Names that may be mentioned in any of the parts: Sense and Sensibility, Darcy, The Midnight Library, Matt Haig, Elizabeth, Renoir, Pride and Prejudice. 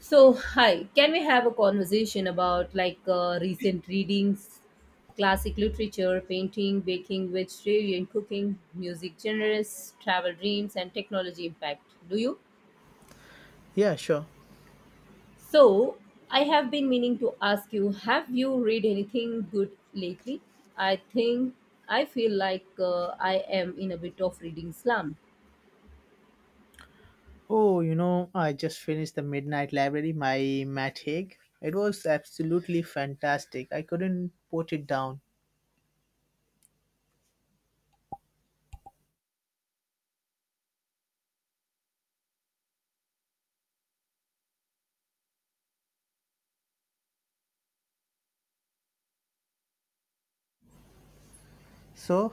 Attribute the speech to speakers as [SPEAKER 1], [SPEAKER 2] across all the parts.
[SPEAKER 1] So, hi, can we have a conversation about recent readings, classic literature, painting, baking, vegetarian cooking, music genres, travel dreams, and technology impact? Do you?
[SPEAKER 2] Yeah, sure.
[SPEAKER 1] So, I have been meaning to ask you, have you read anything good lately? I think I feel like I am in a bit of reading slump.
[SPEAKER 2] Oh, you know, I just finished The Midnight Library by Matt Haig. It was absolutely fantastic. I couldn't put it down. So,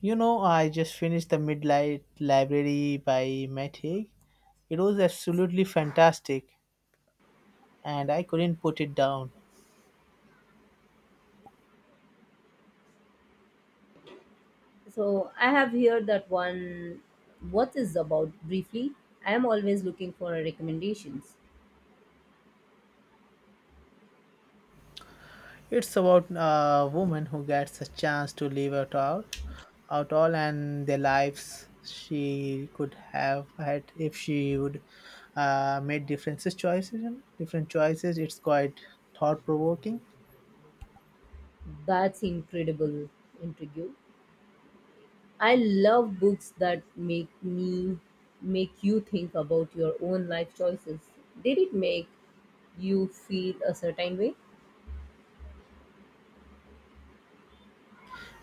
[SPEAKER 2] you know, I just finished The Midnight Library by Matt Haig. It was absolutely fantastic and I couldn't put it down.
[SPEAKER 1] So, I have heard that one, what is about briefly. I am always looking for recommendations.
[SPEAKER 2] It's about a woman who gets a chance to live out all, and the lives she could have had if she would made differences choices. You know, different choices. It's quite thought provoking.
[SPEAKER 1] That's incredible, intrigue. I love books that make you think about your own life choices. Did it make you feel a certain way?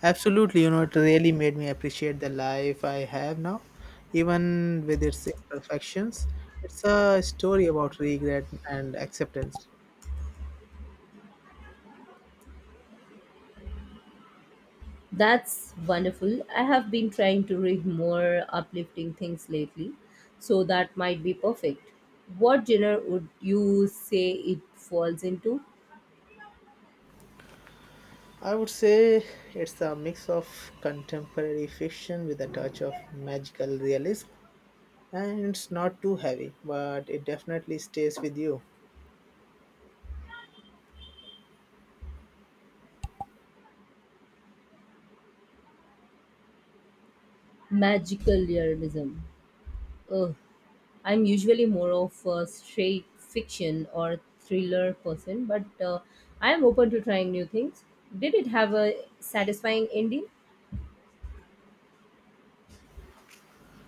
[SPEAKER 2] Absolutely, you know, it really made me appreciate the life I have now, even with its imperfections. It's a story about regret and acceptance.
[SPEAKER 1] That's wonderful. I have been trying to read more uplifting things lately, so that might be perfect. What genre would you say it falls into?
[SPEAKER 2] I would say it's a mix of contemporary fiction with a touch of magical realism, and it's not too heavy, but it definitely stays with you.
[SPEAKER 1] Magical realism. Oh, I'm usually more of a straight fiction or thriller person, but I'm open to trying new things. Did it have a satisfying ending?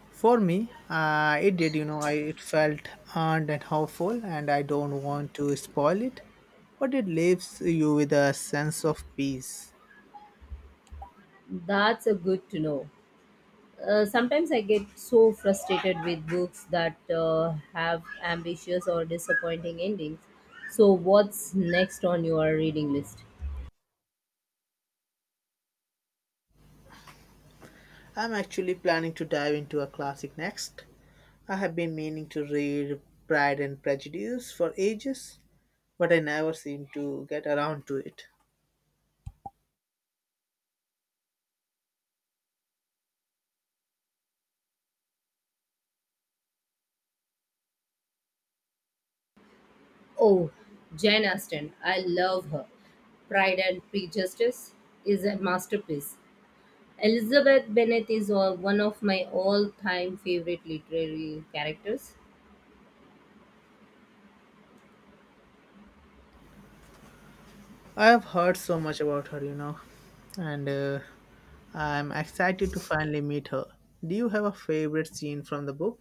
[SPEAKER 2] For me, it did, you know, it felt earned and hopeful, and I don't want to spoil it, but it leaves you with a sense of peace.
[SPEAKER 1] That's a good to know. Sometimes I get so frustrated with books that have ambitious or disappointing endings. So, what's next on your reading list?
[SPEAKER 2] I'm actually planning to dive into a classic next. I have been meaning to read Pride and Prejudice for ages, but I never seem to get around to it.
[SPEAKER 1] Oh, Jane Austen. I love her. Pride and Prejudice is a masterpiece. Elizabeth Bennet is one of my all-time favorite literary characters.
[SPEAKER 2] I have heard so much about her, you know, and I'm excited to finally meet her. Do you have a favorite scene from the book?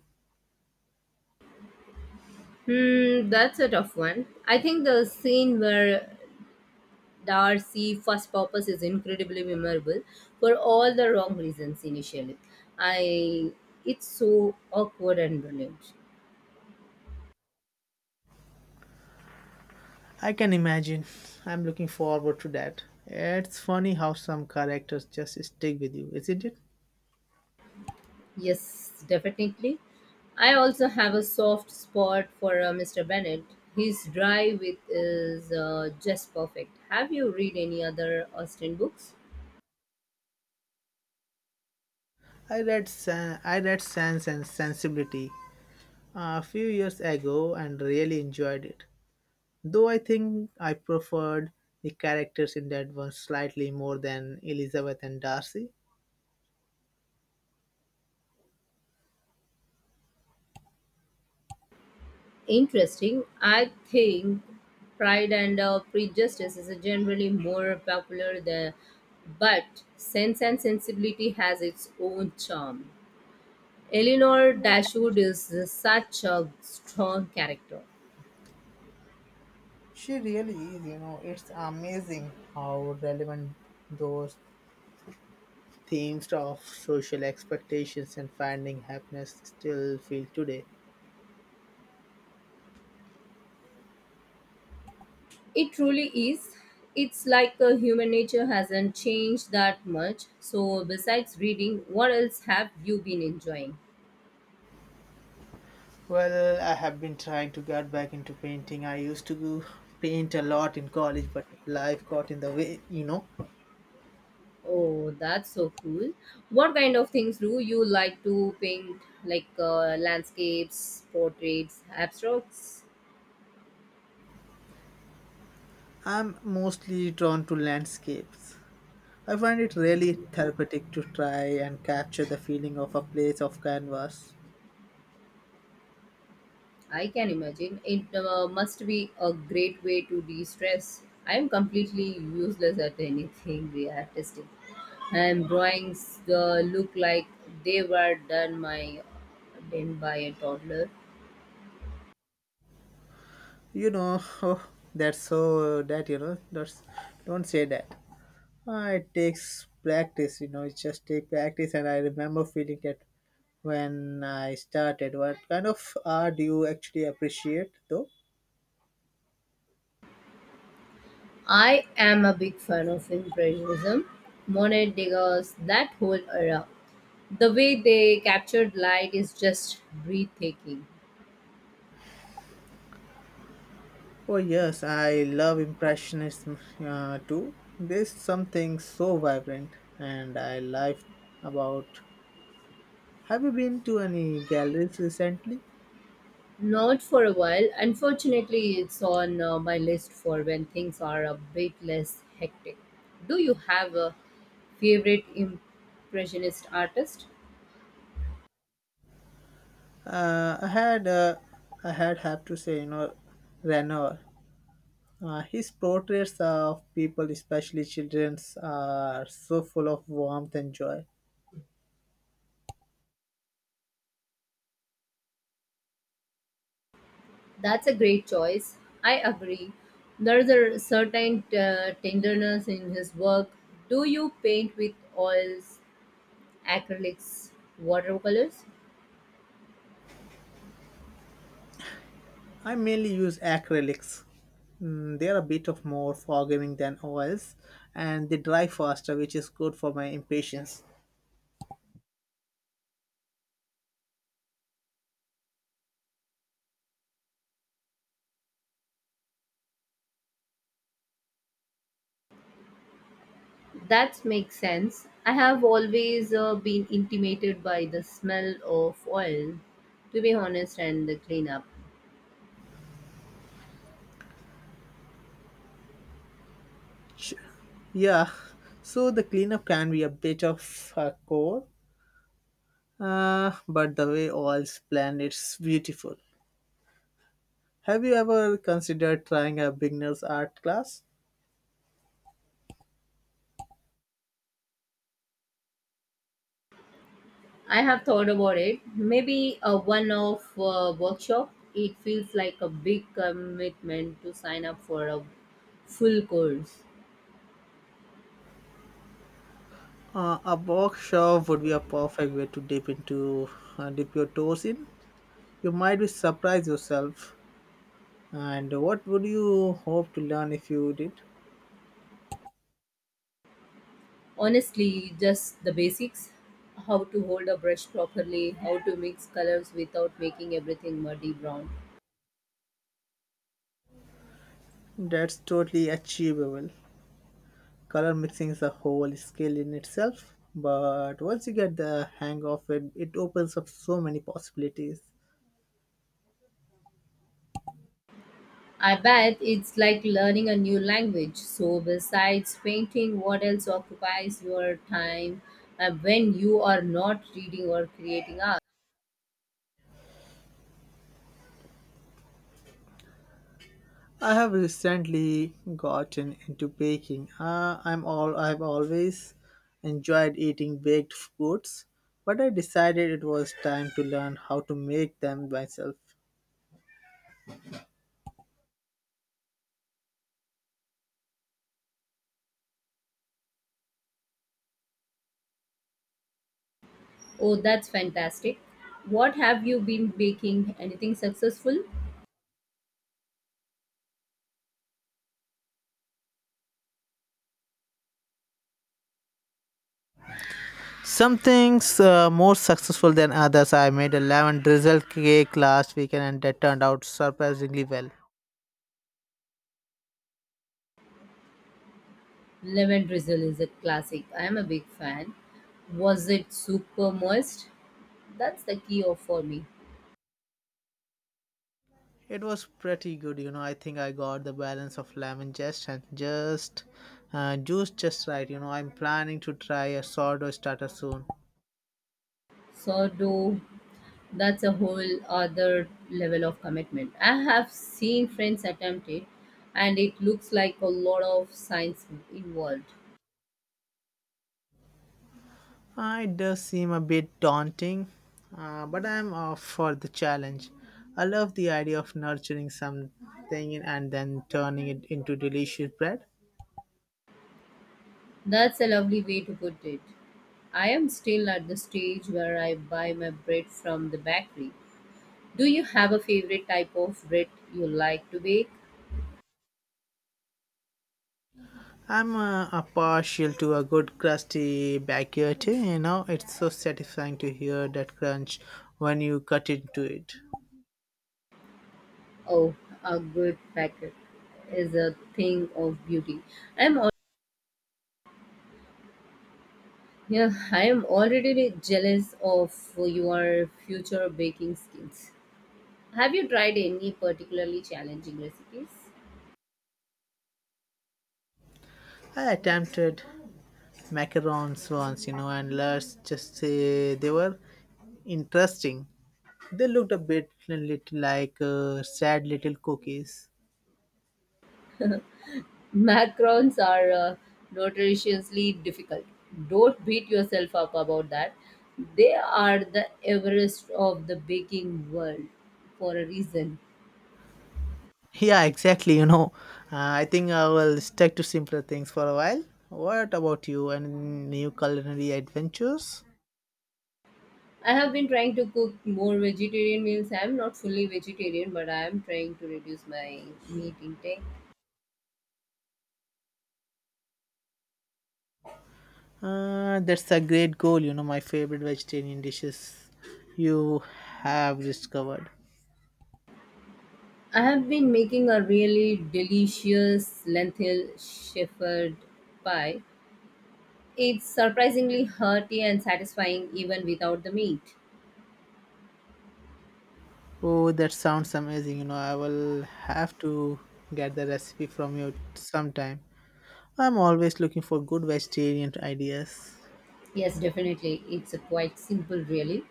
[SPEAKER 1] That's a tough one. I think the scene where Darcy first purpose is incredibly memorable for all the wrong reasons initially. I it's so awkward and brilliant.
[SPEAKER 2] I can imagine. I'm looking forward to that. It's funny how some characters just stick with you, isn't it?
[SPEAKER 1] Yes, definitely. I also have a soft spot for Mr. Bennett. His drive with is just perfect. Have you read any other Austen books?
[SPEAKER 2] I read Sense and Sensibility a few years ago and really enjoyed it. Though I think I preferred the characters in that one slightly more than Elizabeth and Darcy.
[SPEAKER 1] Interesting. I think Pride and Prejudice is generally more popular there, but Sense and Sensibility has its own charm. Eleanor Dashwood is such a strong character.
[SPEAKER 2] She really is, you know, it's amazing how relevant those themes of social expectations and finding happiness still feel today.
[SPEAKER 1] It truly is. It's like human nature hasn't changed that much. So, besides reading, what else have you been enjoying?
[SPEAKER 2] Well, I have been trying to get back into painting. I used to go paint a lot in college, but life got in the way, you know.
[SPEAKER 1] Oh, that's so cool. What kind of things do you like to paint? Like landscapes, portraits, abstracts?
[SPEAKER 2] I'm mostly drawn to landscapes. I find it really therapeutic to try and capture the feeling of a place of canvas.
[SPEAKER 1] I can imagine. It must be a great way to de stress. I am completely useless at anything we are testing. And drawings look like they were done by a toddler.
[SPEAKER 2] You know, oh, that's so that you know, that's don't say that. It takes practice, you know, it just takes practice and I remember feeling that when I started. What kind of art do you actually appreciate though?
[SPEAKER 1] I am a big fan of Impressionism, Monet, Degas, that whole era. The way they captured light is just breathtaking.
[SPEAKER 2] Oh yes, I love impressionism too. There's something so vibrant and I like about. Have you been to any galleries recently?
[SPEAKER 1] Not for a while. Unfortunately, it's on my list for when things are a bit less hectic. Do you have a favorite impressionist artist?
[SPEAKER 2] Uh, I had, uh, I had have to say, you know, Renoir. His portraits of people, especially children, are so full of warmth and joy.
[SPEAKER 1] That's a great choice. I agree. There's a certain tenderness in his work. Do you paint with oils, acrylics, watercolors?
[SPEAKER 2] I mainly use acrylics. Mm, they are a bit of more forgiving than oils, and they dry faster, which is good for my impatience.
[SPEAKER 1] That makes sense. I have always been intimidated by the smell of oil, to be honest, and the cleanup.
[SPEAKER 2] Ch- yeah, so the cleanup can be a bit of a chore, but the way oils blend, it's beautiful. Have you ever considered trying a beginner's art class?
[SPEAKER 1] I have thought about it. Maybe a one off workshop. It feels like a big commitment to sign up for a full course.
[SPEAKER 2] A workshop would be a perfect way to dip into dip your toes in. You might be surprised yourself. And what would you hope to learn if you did?
[SPEAKER 1] Honestly, just the basics, how to hold a brush properly, how to mix colors without making everything muddy brown.
[SPEAKER 2] That's totally achievable. Color mixing is a whole skill in itself, but once you get the hang of it, it opens up so many possibilities.
[SPEAKER 1] I bet it's like learning a new language. So, besides painting, what else occupies your time when you are not reading or creating art?
[SPEAKER 2] I have recently gotten into baking. I've always enjoyed eating baked goods, but I decided it was time to learn how to make them myself.
[SPEAKER 1] Oh, that's fantastic. What have you been baking? Anything successful?
[SPEAKER 2] Some things more successful than others. I made a lemon drizzle cake last weekend, and that turned out surprisingly well.
[SPEAKER 1] Lemon drizzle is a classic. I am a big fan. Was it super moist? That's the key of for me.
[SPEAKER 2] It was pretty good, you know. I think I got the balance of lemon zest and just juice just right. You know, I'm planning to try a sourdough starter soon.
[SPEAKER 1] Sourdough, that's a whole other level of commitment. I have seen friends attempt it, and it looks like a lot of science involved.
[SPEAKER 2] It does seem a bit daunting, but I'm up for the challenge. I love the idea of nurturing something and then turning it into delicious bread.
[SPEAKER 1] That's a lovely way to put it. I am still at the stage where I buy my bread from the bakery. Do you have a favorite type of bread you like to bake?
[SPEAKER 2] I'm a partial to a good crusty backyard, you know, it's so satisfying to hear that crunch when you cut into it.
[SPEAKER 1] Oh, a good packet is a thing of beauty. I'm al- yeah, I am already jealous of your future baking skills. Have you tried any particularly challenging recipes?
[SPEAKER 2] I attempted macarons once, you know, and let's just say they were interesting. They looked a bit little like sad little cookies.
[SPEAKER 1] Macarons are notoriously difficult. Don't beat yourself up about that. They are the Everest of the baking world for a reason.
[SPEAKER 2] Yeah, exactly. You know, I think I will stick to simpler things for a while. What about you? Any new culinary adventures?
[SPEAKER 1] I have been trying to cook more vegetarian meals. I am not fully vegetarian, but I am trying to reduce my meat intake.
[SPEAKER 2] That's a great goal. You know, my favorite vegetarian dishes you have discovered.
[SPEAKER 1] I have been making a really delicious lentil shepherd pie. It's surprisingly hearty and satisfying even without the meat.
[SPEAKER 2] Oh, that sounds amazing. You know, I will have to get the recipe from you sometime. I'm always looking for good vegetarian ideas.
[SPEAKER 1] Yes, definitely. It's a quite simple, really.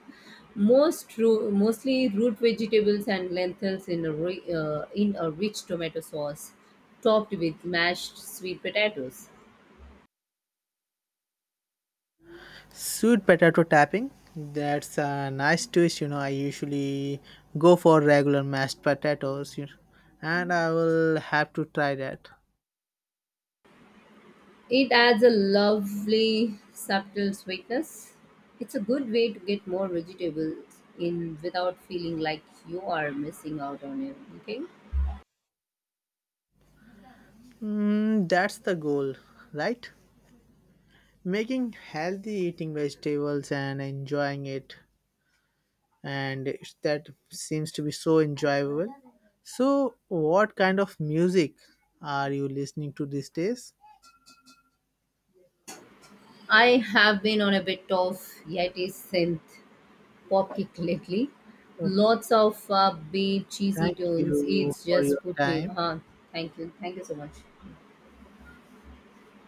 [SPEAKER 1] Mostly root vegetables and lentils in in a rich tomato sauce, topped with mashed sweet potatoes.
[SPEAKER 2] Sweet potato tapping. That's a nice twist. You know, I usually go for regular mashed potatoes, you know, and I will have to try that.
[SPEAKER 1] It adds a lovely subtle sweetness. It's a good way to get more vegetables in without feeling like you are missing out on anything.
[SPEAKER 2] Mm, that's the goal, right? Making healthy eating vegetables and enjoying it, and that seems to be so enjoyable. So, what kind of music are you listening to these days?
[SPEAKER 1] I have been on a bit of hiatus since popkick lately.
[SPEAKER 2] Okay,
[SPEAKER 1] Lots of upbeat, cheesy
[SPEAKER 2] thank
[SPEAKER 1] tunes.
[SPEAKER 2] you
[SPEAKER 1] It's
[SPEAKER 2] for your
[SPEAKER 1] just put me
[SPEAKER 2] time.
[SPEAKER 1] on. Thank you. Thank you so much.